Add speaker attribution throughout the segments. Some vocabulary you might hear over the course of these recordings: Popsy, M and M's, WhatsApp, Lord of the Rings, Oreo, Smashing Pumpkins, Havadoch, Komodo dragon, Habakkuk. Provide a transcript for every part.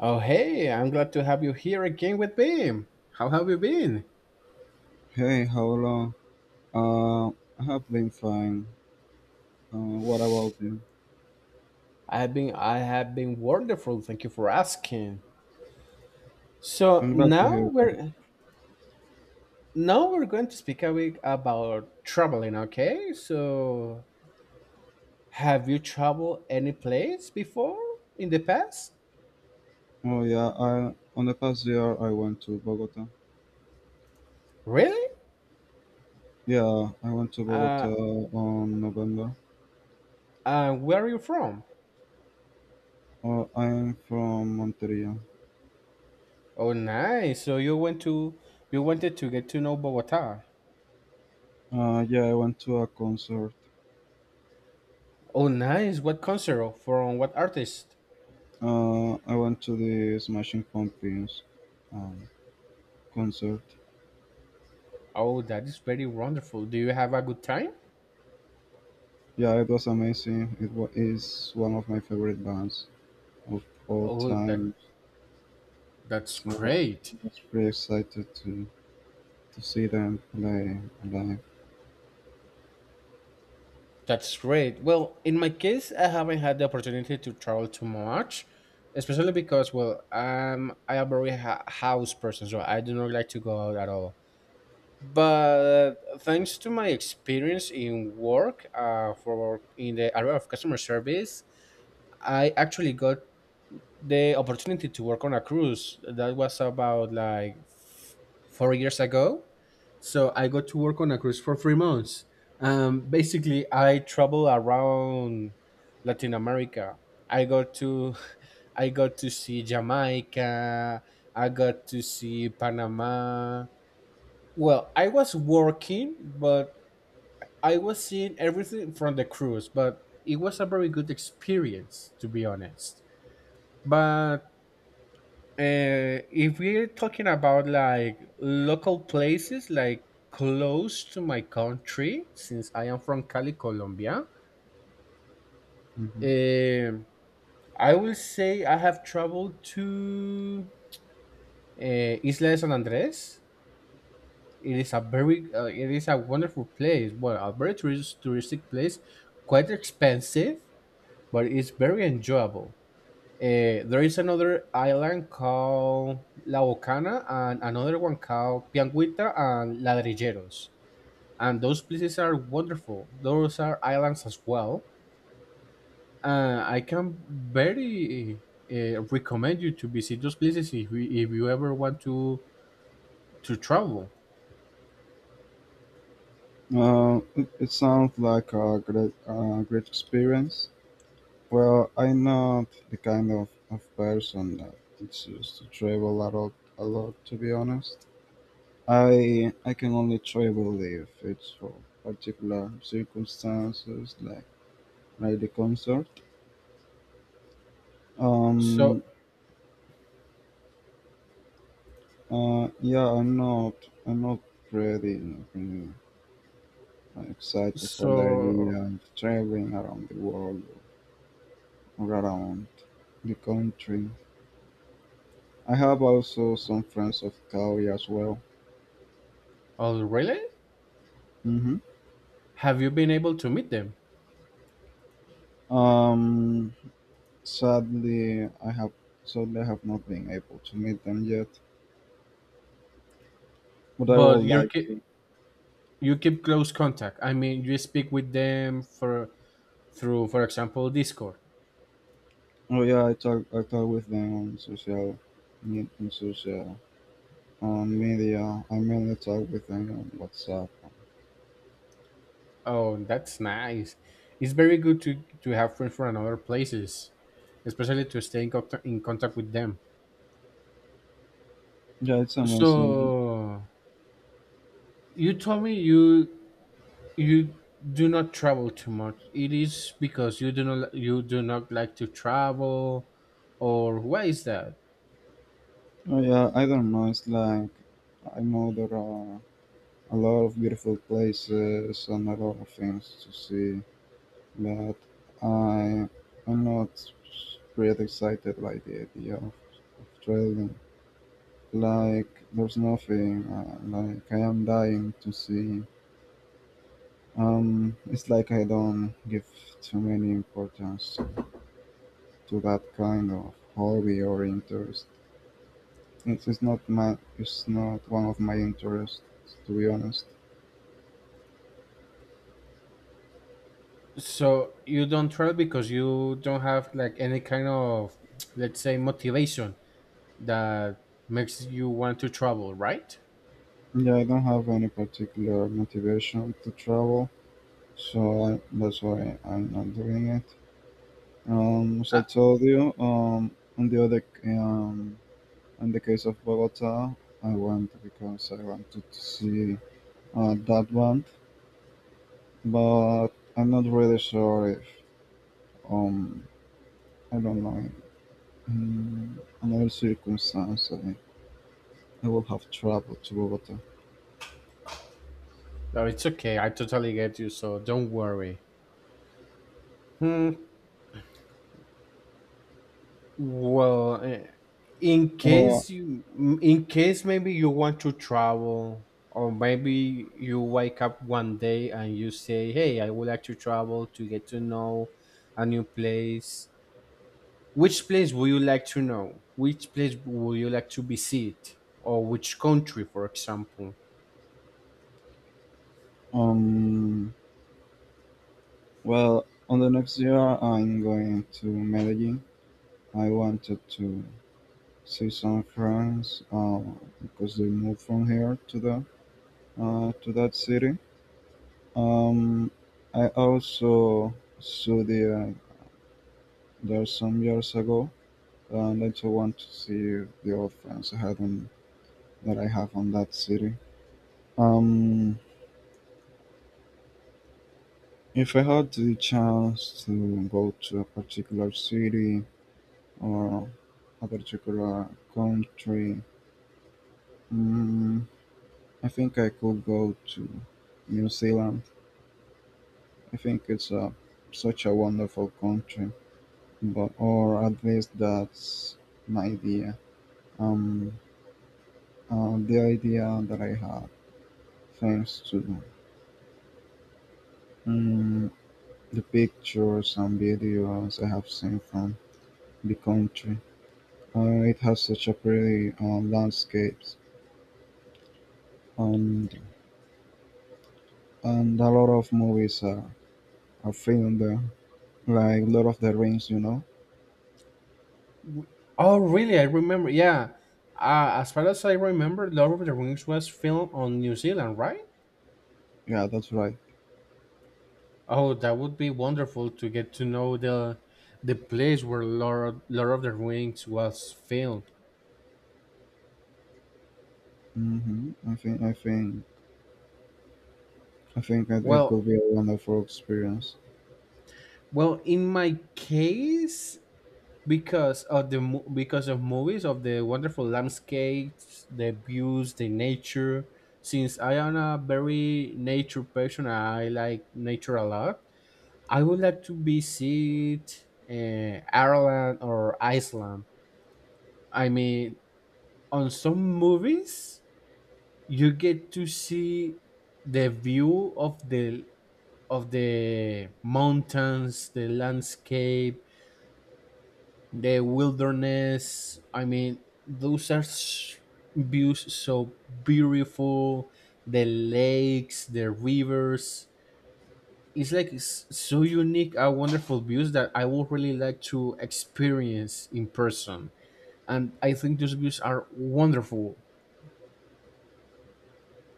Speaker 1: Oh, hey, I'm glad to have you here again with me. How have you been?
Speaker 2: Hey, how long? Uh, I have been fine. What about you?
Speaker 1: I have been wonderful. Thank you for asking. So
Speaker 2: I'm glad to hear
Speaker 1: now
Speaker 2: that.
Speaker 1: we're now we're going to speak a bit about traveling, okay? So have you traveled any place before in the past?
Speaker 2: Oh yeah, I on the past year I went to Bogota.
Speaker 1: Really?
Speaker 2: Yeah, I went to Bogota
Speaker 1: Uh,
Speaker 2: on November.
Speaker 1: where are you from?
Speaker 2: I'm from Monteria.
Speaker 1: Oh, nice. So you wanted to get to know Bogota.
Speaker 2: Yeah, I went to a concert.
Speaker 1: Oh, nice. What concert from what artist?
Speaker 2: I went to the Smashing Pumpkins um, concert.
Speaker 1: Oh, that is very wonderful. Do you have a good time?
Speaker 2: Yeah, it was amazing. Is one of my favorite bands of all
Speaker 1: Oh, that
Speaker 2: time.
Speaker 1: that's
Speaker 2: So I
Speaker 1: great.
Speaker 2: was pretty excited to see them play live.
Speaker 1: That's great. Well, in my case, I haven't had the opportunity to travel too much, especially because, well, I am a very house person, so I do not like to go out at all. But thanks to my experience in work, for in the area of customer service, I actually got the opportunity to work on a cruise. That was about like 4 years ago. So I got to work on a cruise for 3 months. Basically, I travel around Latin America. I got to, I got to see Jamaica. I got to see Panama. Well, I was working, but I was seeing everything from the cruise. But it was a very good experience, to be honest. But if we're talking about like local places, like close to my country, since I am from Cali, Colombia,
Speaker 2: Mhm.
Speaker 1: um, I will say I have traveled to Isla de San Andres. It is a wonderful place. Well, a very touristic place, quite expensive, but it's very enjoyable. There is another island called La Bocana and another one called Pianguita and Ladrilleros. And those places are wonderful. Those are islands as well. I can very recommend you to visit those places if you ever want to travel.
Speaker 2: It sounds like a great, great experience. Well, I'm not the kind of person that it's used to travel a lot, a lot. To be honest, I can only travel if it's for particular circumstances, like the concert.
Speaker 1: So,
Speaker 2: Um. Yeah. I'm not ready. Really excited for the
Speaker 1: so,
Speaker 2: idea of traveling around the world around the country. I have also some friends of Cali as well.
Speaker 1: oh, really?
Speaker 2: hmm
Speaker 1: Have you been able to meet them?
Speaker 2: Um, sadly, I have sadly I have not been able to meet them yet, but I
Speaker 1: But
Speaker 2: would
Speaker 1: you
Speaker 2: like to.
Speaker 1: keep you keep close contact. I mean, you speak with them for through, for example, Discord.
Speaker 2: Oh yeah, I talk with them on social, on social on media. I mainly talk with them on WhatsApp.
Speaker 1: Oh, that's nice. It's very good to have friends from other places, especially to stay in contact with them.
Speaker 2: Yeah, it's amazing.
Speaker 1: So you told me you do not travel too much. It is because you do not like to travel, or why is that?
Speaker 2: Oh yeah, I don't know. It's like I know there are a lot of beautiful places and a lot of things to see. But I am not really excited by the idea of traveling. Like there's nothing. Like I am dying to see. It's like I don't give too many importance to that kind of hobby or interest. It is not my. It's not one of my interests, to be honest.
Speaker 1: So you don't travel because you don't have like any kind of, let's say, motivation that makes you want to travel, right?
Speaker 2: Yeah, I don't have any particular motivation to travel, so that's why I'm not doing it. As I told you, on the other, um, in the case of Bogota, I went because I wanted to see that band, but I'm not really sure if, um, I don't know, in another circumstance, I will have traveled to Bogota.
Speaker 1: No, it's okay. I totally get you, so don't worry. Hmm. Well,
Speaker 2: Or,
Speaker 1: in case maybe you want to travel, or maybe you wake up one day and you say, "Hey, I would like to travel to get to know a new place." Which place would you like to know? Which place would you like to visit, or which country, for example?
Speaker 2: um, well, on the next year, I'm going to Medellin. I wanted to see some friends because they moved from here to there to that city. Um, I also saw the there some years ago, and I also want to see the old friends I had on, that I have on that city. Um, if I had the chance to go to a particular city or a particular country, mm, I think I could go to New Zealand. I think it's a, such a wonderful country. But or at least that's my idea. Um, the idea that I had, thanks to um, the pictures and videos I have seen from the country. It has such a pretty landscapes, and a lot of are filmed there, like Lord of the Rings. You know,
Speaker 1: Oh, really? I remember. Yeah. As far as I remember, Lord of the Rings was filmed on New Zealand, right?
Speaker 2: yeah, that's right.
Speaker 1: Oh, that would be wonderful to get to know the place where Lord of the Rings was filmed.
Speaker 2: hmm I think I think I think that it
Speaker 1: Well,
Speaker 2: could be a wonderful experience.
Speaker 1: well, in my case, because of movies, of the wonderful landscapes, the views, the nature. Since I am a very nature person, I like nature a lot. I would like to visit Ireland or Iceland. I mean, on some movies you get to see the view of the mountains, the landscape, the wilderness. I mean, those are views so beautiful, the lakes, the rivers. It's like so unique and wonderful views that I would really like to experience in person, and I think those views are wonderful.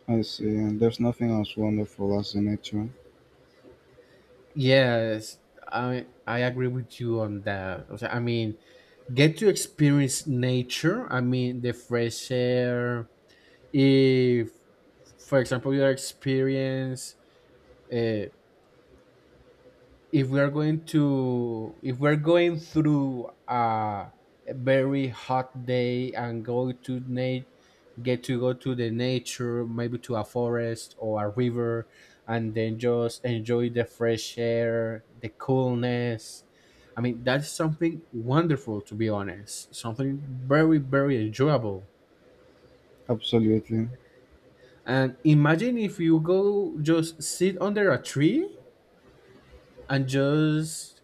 Speaker 2: I see, and there's nothing as wonderful as the nature.
Speaker 1: Yes, I agree with you on that. O sea, I mean, get to experience nature. I mean, the fresh air. If, for example, you experience. uh, if we are going to if we're going through a very hot day and go to nat get to go to the nature, maybe to a forest or a river, and then just enjoy the fresh air, the coolness. I mean, that's something wonderful, to be honest, something very, very enjoyable.
Speaker 2: Absolutely.
Speaker 1: And imagine, if you go just sit under a tree and just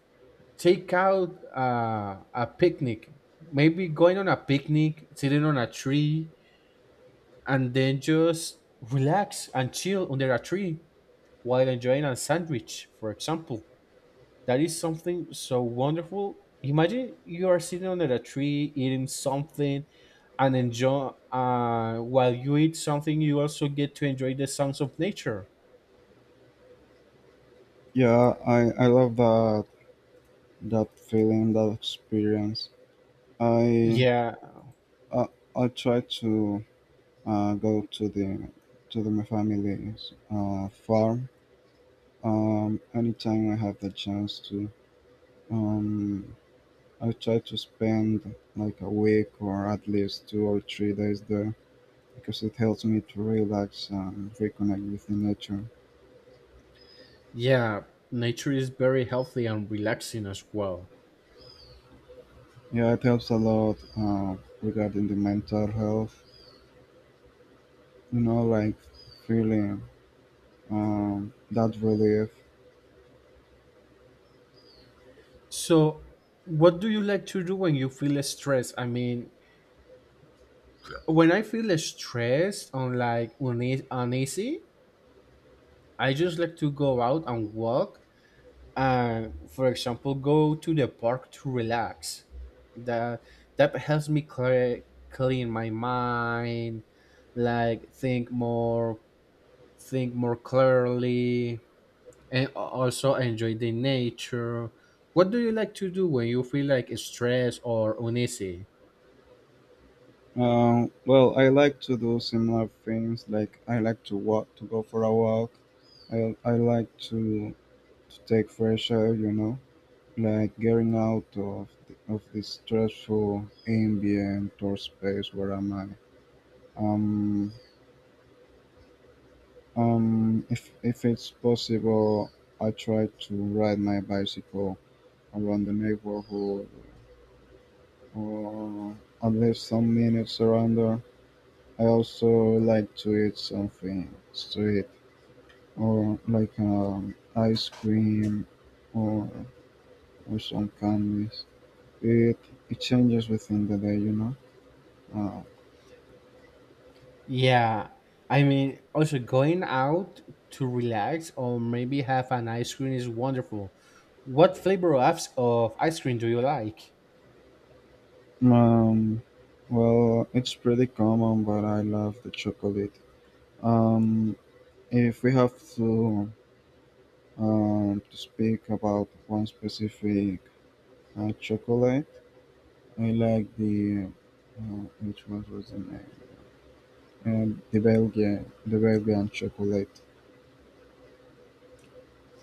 Speaker 1: take out a picnic, maybe going on a picnic sitting on a tree, and then just relax and chill under a tree while enjoying a sandwich, for example. That is something so wonderful. Imagine you are sitting under a tree eating something, and enjoy while you eat something, you also get to enjoy the sounds of nature.
Speaker 2: Yeah, I love that feeling, that experience. I
Speaker 1: Yeah,
Speaker 2: I, I try to go to the my family's farm anytime I have the chance to. Um, I try to spend like a week or at least 2 or 3 days there because it helps me to relax and reconnect with the nature.
Speaker 1: yeah, nature is very healthy and relaxing as well.
Speaker 2: Yeah, it helps a lot regarding the mental health, you know, like feeling that relief.
Speaker 1: So, what do you like to do when you feel stressed? I mean, when I feel stressed on like uneasy, I just like to go out and walk and, for example, go to the park to relax. That that helps me clean my mind, like think more clearly, and also enjoy the nature. What do you like to do when you feel like stressed or uneasy?
Speaker 2: Well, I like to do similar things. Like I like to walk, to go for a walk. I like to take fresh air. You know, like getting out of of the stressful ambient or space where am I. Um, if if it's possible, I try to ride my bicycle around the neighborhood, or at least some minutes surrender. I also like to eat something sweet, or like ice cream, or, or some candies. It, it changes within the day, you know. Uh,
Speaker 1: Yeah, I mean, also going out to relax or maybe have an ice cream is wonderful. What flavor of ice cream do you like?
Speaker 2: um, well, it's pretty common, but I love the chocolate. Um, if we have to speak about one specific chocolate, I like the uh, which one was the name? The Belgian, the Belgian chocolate.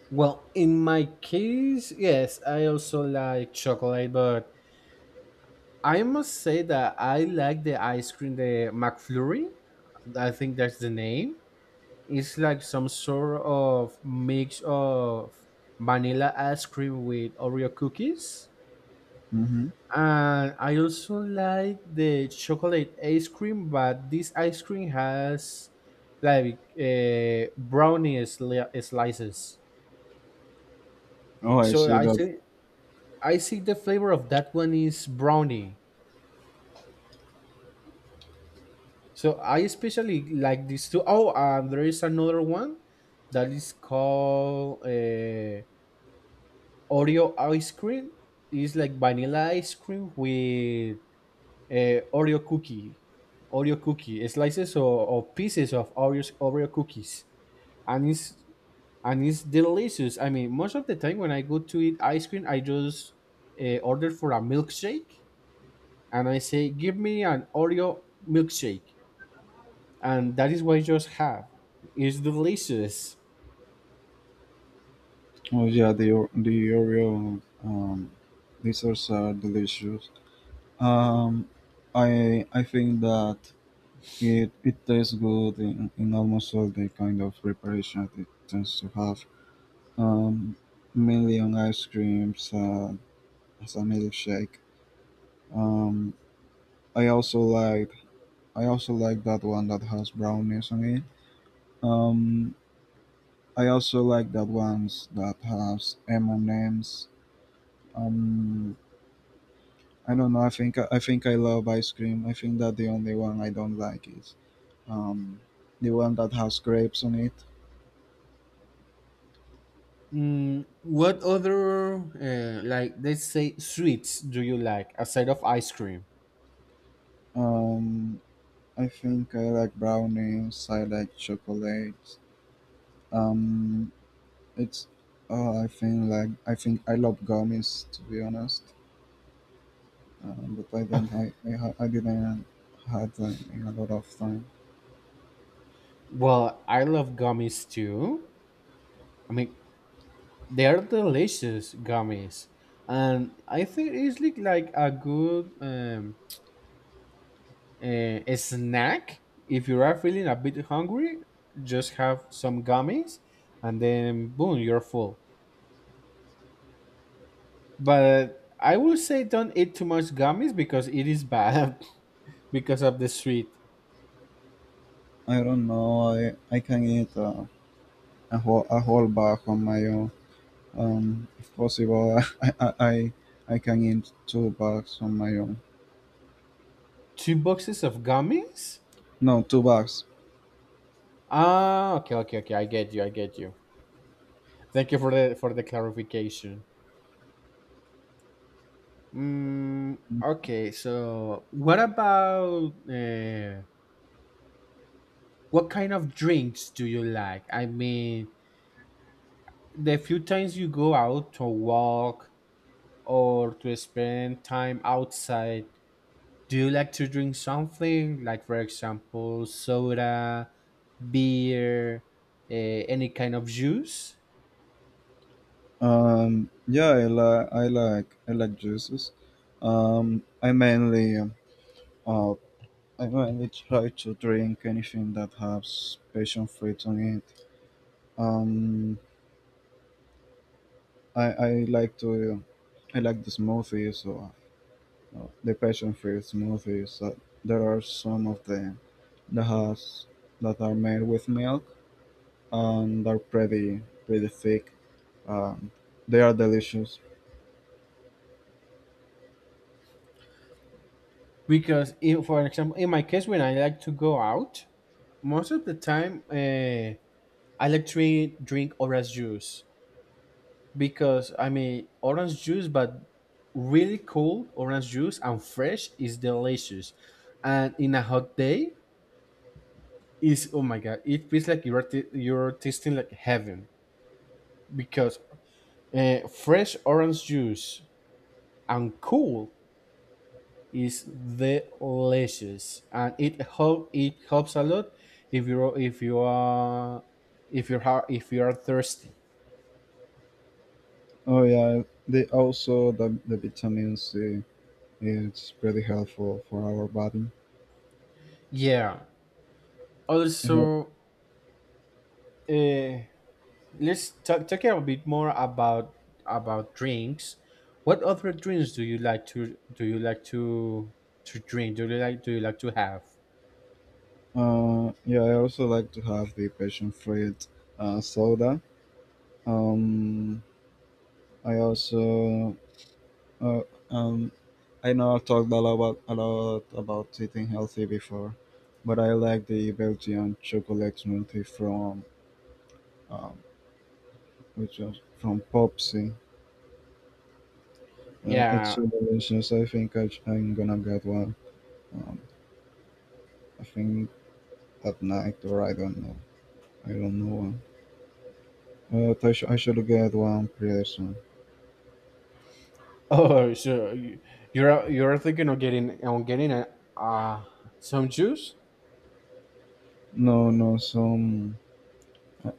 Speaker 1: Well, in my case, yes, I also like chocolate, but I must say that I like the ice cream, the McFlurry. I think that's the name. It's like some sort of mix of vanilla ice cream with Oreo cookies.
Speaker 2: hmm
Speaker 1: And I also like the chocolate ice cream, but this ice cream has like brownie slices.
Speaker 2: Oh, I
Speaker 1: So
Speaker 2: see
Speaker 1: I
Speaker 2: that.
Speaker 1: see, I see the flavor of that one is brownie. So I especially like these two. Oh, and there is another one that is called Oreo ice cream. It's like vanilla ice cream with uh, Oreo cookie, Oreo cookie slices, or pieces of Oreo cookies, and it's delicious. I mean, most of the time when I go to eat ice cream, I just order for a milkshake, and I say, "Give me an Oreo milkshake," and that is what I just have. It's delicious.
Speaker 2: Oh yeah, the Oreo desserts are so delicious. Um, I think that it tastes good in almost all the kind of preparation it tends to have. Um, mainly on ice creams as a milkshake. Um, I also like I also like that one that has brownies on it. Um, I also like that ones that has M and M's. Um, I don't know. I think I love ice cream. I think that the only one I don't like is um, the one that has grapes on it.
Speaker 1: What other like, let's say, sweets do you like aside of ice cream?
Speaker 2: Um, I think I like brownies. I like chocolates. Um, it's. Oh, I think like I think I love gummies, to be honest. But I don't. I didn't had a lot of time.
Speaker 1: Well, I love gummies too. I mean, they are delicious gummies, and I think it's like a good a snack if you are feeling a bit hungry. Just have some gummies, and then boom, you're full. But I will say don't eat too much gummies because it is bad because of the sweet.
Speaker 2: I don't know. I can eat a whole bag on my own. If possible, I can eat two bags on my own.
Speaker 1: Two boxes of gummies?
Speaker 2: No, two bags.
Speaker 1: Ah, okay, okay, okay. I get you. I get you. Thank you for the clarification. Okay, so what about what kind of drinks do you like? I mean, the few times you go out to walk or to spend time outside, do you like to drink something like, for example, soda, beer, uh, any kind of juice?
Speaker 2: Yeah, I like juices. Um, I mainly uh, I mainly try to drink anything that has passion fruit on it. Um, I like to I like the smoothies or the passion fruit smoothies. There are some of the has that are made with milk and are pretty pretty thick. Um, they are delicious.
Speaker 1: Because, if, for example, in my case, when I like to go out, most of the time, I like to drink orange juice, because I mean orange juice, but really cold orange juice and fresh is delicious, and in a hot day is oh my god, it feels like you're tasting like heaven because fresh orange juice and cool is delicious, and it helps a lot if you're if you are if you're ha- if you are thirsty.
Speaker 2: Oh yeah, they also the vitamin C. It's pretty helpful for our body.
Speaker 1: Yeah.
Speaker 2: Yep.
Speaker 1: Also, uh, let's talk a bit more about drinks. What other drinks do you like to, do you like to drink do you like to have?
Speaker 2: Yeah, I also like to have the passion fruit soda. Um, I also uh, um, I know I've talked a lot about eating healthy before, but I like the Belgian chocolate smoothie from um, which was from Popsy. It's
Speaker 1: Yeah.
Speaker 2: so delicious. I think am gonna get one. Um, I think at night, or I don't know. I don't know one. But I should get one pretty soon.
Speaker 1: Oh, so you're thinking of getting a uh some juice.
Speaker 2: No, no, some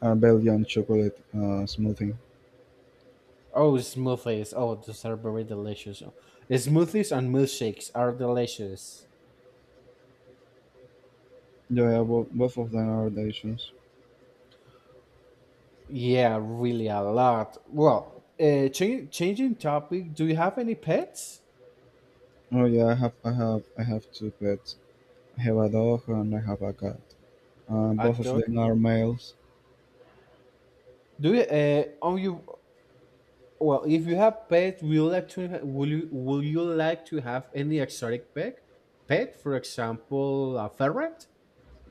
Speaker 2: Belgian chocolate smoothie.
Speaker 1: Oh, smoothies. Oh, those are very delicious. Smoothies and milkshakes are delicious.
Speaker 2: Yeah, yeah, both of them are delicious.
Speaker 1: Yeah, really a lot. Well, changing topic, do you have any pets?
Speaker 2: Oh yeah, I have two pets. Havadoch and Habakkuk.
Speaker 1: A
Speaker 2: Both of
Speaker 1: dog.
Speaker 2: them are males.
Speaker 1: Do you Are you, well, if you have pet, will you like to have any exotic pet, for example a ferret,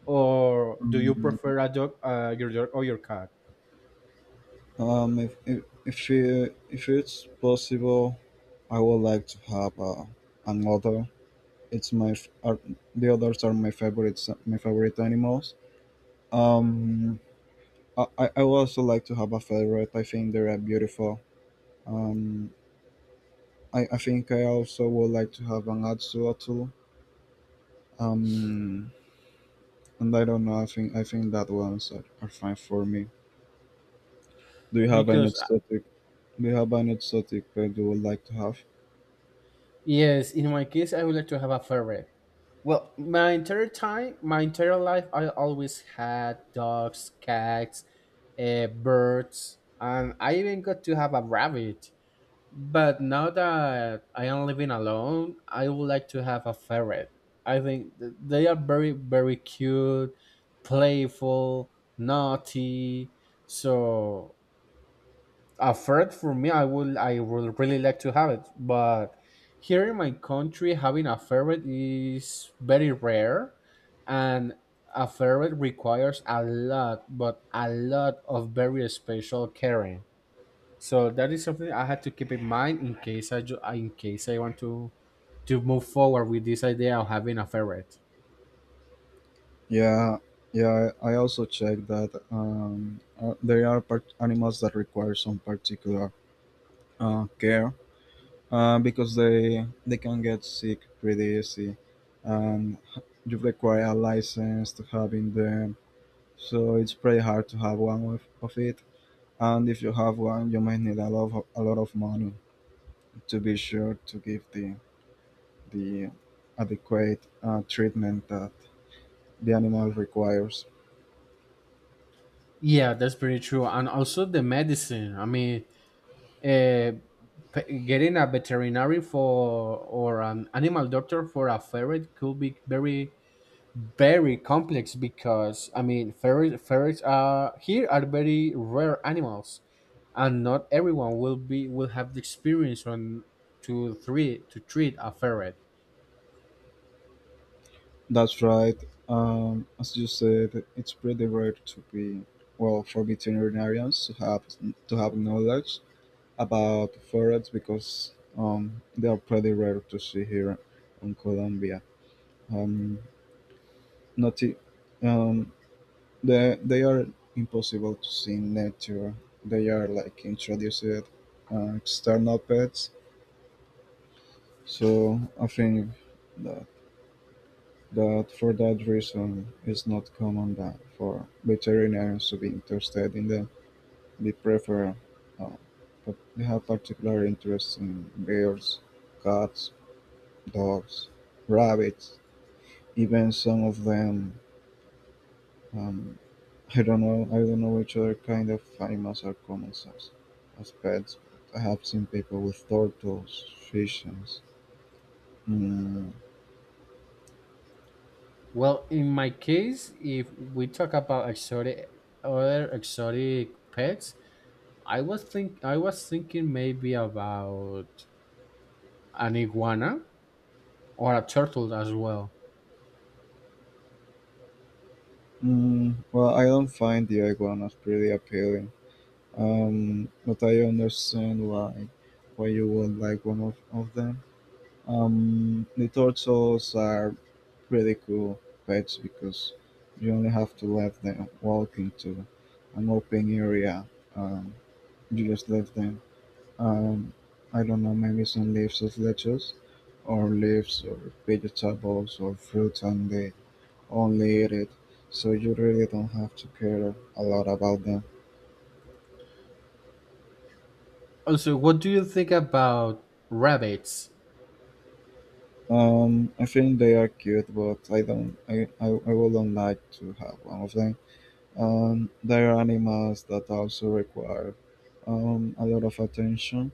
Speaker 1: or do you
Speaker 2: Mm,
Speaker 1: prefer a dog, your dog or your cat?
Speaker 2: Um, if, if if it's possible, I would like to have another. It's my f- are, the others are my favorite. My favorite animals. Um, I I would also like to have a ferret. I think they are beautiful. Um, I think I also would like to have an axolotl. Um, and I don't know. I think that ones are fine for me. Do you have any
Speaker 1: Because
Speaker 2: exotic, we have an exotic pet you would like to have.
Speaker 1: Yes, in my case I would like to have a ferret. Well, my entire life I always had dogs, cats, birds, and I even got to have a rabbit. But now that I am living alone, I would like to have a ferret. I think they are very, very cute, playful, naughty. So a ferret for me, I would really like to have it. But here in my country, having a ferret is very rare, and a ferret requires a lot, but a lot of very special caring. So that is something I had to keep in mind in case I want to move forward with this idea of having a ferret.
Speaker 2: Yeah, yeah. I also checked that there are animals that require some particular care because they can get sick pretty easy, and you require a license to having them. So it's pretty hard to have one of it. And if you have one, you might need a lot of money to be sure to give the the adequate treatment that the animal requires.
Speaker 1: Yeah, that's pretty true. And also the medicine. I mean, uh, getting a veterinary for or an animal doctor for a ferret could be very, very complex, because I mean ferrets are here are very rare animals, and not everyone will be will have the experience on to three to treat a ferret.
Speaker 2: That's right. As you said, it's pretty rare to be well for veterinarians to have knowledge about ferrets, because they are pretty rare to see here in Colombia. Um, not I- um, they are impossible to see in nature. They are like introduced external pets. So I think uh, That for that reason it's not common That for veterinarians to be interested in them. They prefer, uh, but they have particular interest in bears, cats, dogs, rabbits, even some of them. Um, I don't know. I don't know which other kind of animals are common as pets. But I have seen people with turtles, fishes. Mm,
Speaker 1: Well, in my case, if we talk about exotic other exotic pets, I was thinking maybe about an iguana or a turtle as well.
Speaker 2: well, I don't find the iguanas pretty appealing. But I understand why you would like one of them. The turtles are pretty cool pets because you only have to let them walk into an open area. Um, you just let them. Um, I don't know, maybe some leaves of lettuce, or leaves, or vegetables, or fruit, and they only eat it. So you really don't have to care a lot about them.
Speaker 1: Also, what do you think about rabbits?
Speaker 2: I think they are cute, but I don't. I wouldn't like to have one of them. They are animals that also require a lot of attention.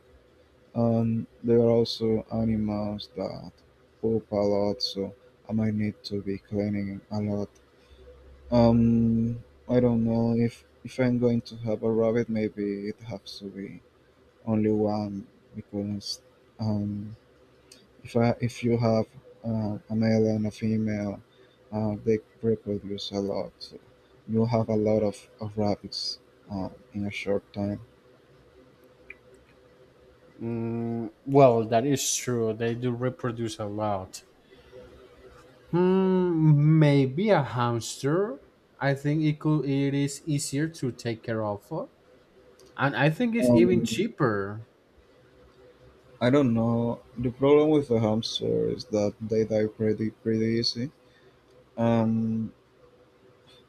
Speaker 2: They are also animals that poop a lot, so I might need to be cleaning a lot. Um, I don't know if I'm going to have a rabbit, maybe it has to be only one, because um, if you have a male and a female, they reproduce a lot. So you have a lot of rabbits in a short time.
Speaker 1: Well, that is true. They do reproduce a lot. Maybe a hamster. I think it could. It is easier to take care of, and I think it's even
Speaker 2: Um,
Speaker 1: cheaper.
Speaker 2: I don't know. The problem with the hamster is that they die pretty pretty easy. Um,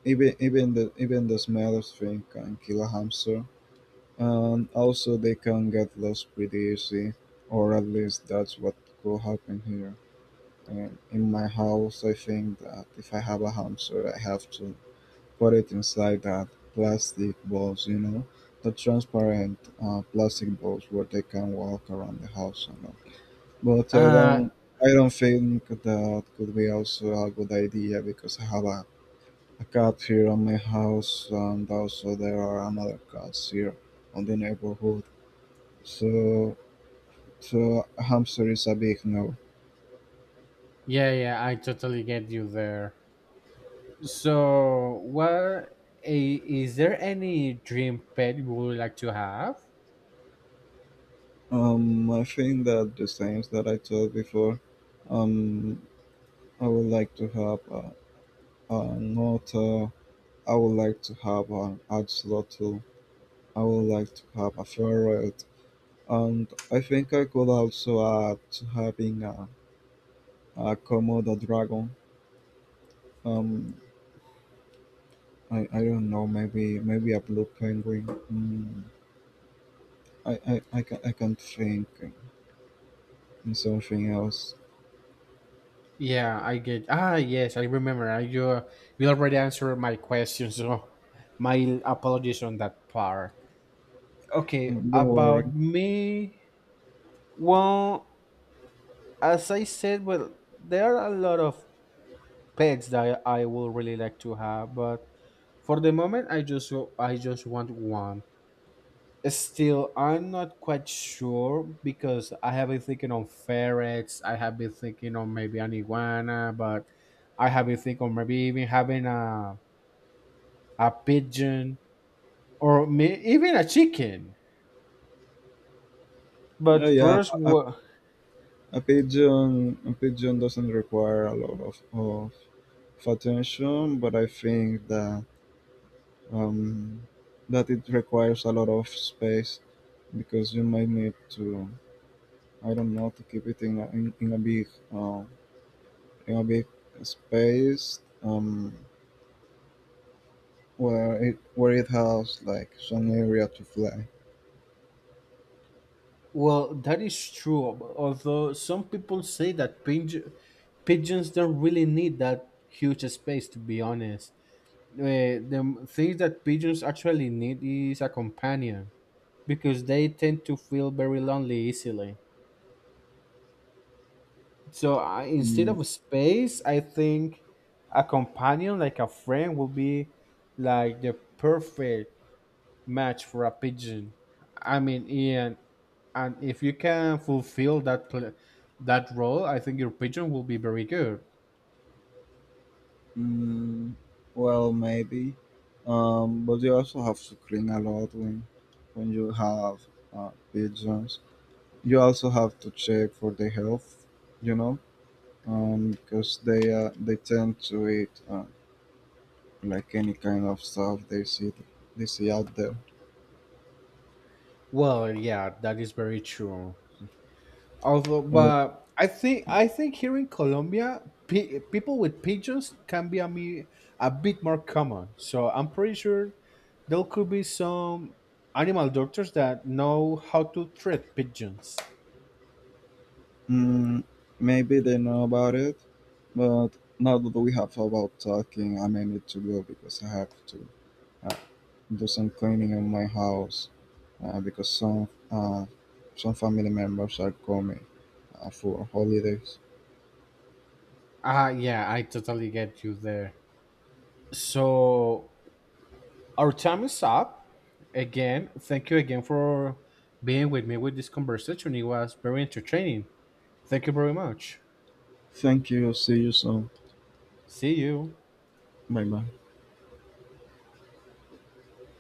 Speaker 2: even the smell of thing can kill a hamster. And also they can get lost pretty easy, or at least that's what could happen here. In my house, I think that if I have a hamster, I have to put it inside that plastic balls, you know, the transparent plastic balls where they can walk around the house and all. But
Speaker 1: Uh,
Speaker 2: I don't think that could be also a good idea, because I have a cat here on my house, and also there are another cats here on the neighborhood. So, so a hamster is a big no.
Speaker 1: Yeah, yeah, I totally get you there. So, what is there any dream pet you would like to have?
Speaker 2: I think that the signs that I told before, um, I would like to have a not, I would like to have an ad slot too. I would like to have a ferret. And I think I could also add to having a Komodo dragon. Um, I don't know, maybe a blue penguin. I can't think in something else.
Speaker 1: Yeah, I get. Ah, yes, I remember. I, you already answered my question, so my apologies on that part. Okay,
Speaker 2: Don't worry.
Speaker 1: about me. Well, as I said, well, there are a lot of pets that I would really like to have, but for the moment, I just want one. Still, I'm not quite sure because I have been thinking on ferrets. I have been thinking on maybe an iguana, but I have been thinking on maybe even having a pigeon or even a chicken. But
Speaker 2: Yeah,
Speaker 1: first,
Speaker 2: I
Speaker 1: well,
Speaker 2: A pigeon doesn't require a lot of attention, but I think that um, that it requires a lot of space, because you might need to, I don't know, to keep it uh, in a big space where it has like some area to fly.
Speaker 1: that is true. Although some people say that pigeons don't really need that huge space. To be honest, the things that pigeons actually need is a companion, because they tend to feel very lonely easily. So instead
Speaker 2: Mm,
Speaker 1: of space, I think a companion like a friend will be like the perfect match for a pigeon. I mean, and if you can fulfill that that role, I think your pigeon will be very good.
Speaker 2: Mm, well, maybe, but you also have to clean a lot when you have pigeons. You also have to check for the health, you know, because they tend to eat like any kind of stuff they see out there.
Speaker 1: Well, yeah, that is very true. Although,
Speaker 2: Uh,
Speaker 1: but I think here in Colombia, people with pigeons can be a bit more common. So I'm pretty sure there could be some animal doctors that know how to treat pigeons.
Speaker 2: Mm, maybe they know about it, but now that we have about talking, I may need to go because I have to do some cleaning on my house because some family members are coming for holidays.
Speaker 1: Ah, yeah, I totally get you there. So our time is up. Again, thank you again for being with me with this conversation. It was very entertaining. Thank you very much.
Speaker 2: Thank you. See you soon.
Speaker 1: See you.
Speaker 2: Bye bye.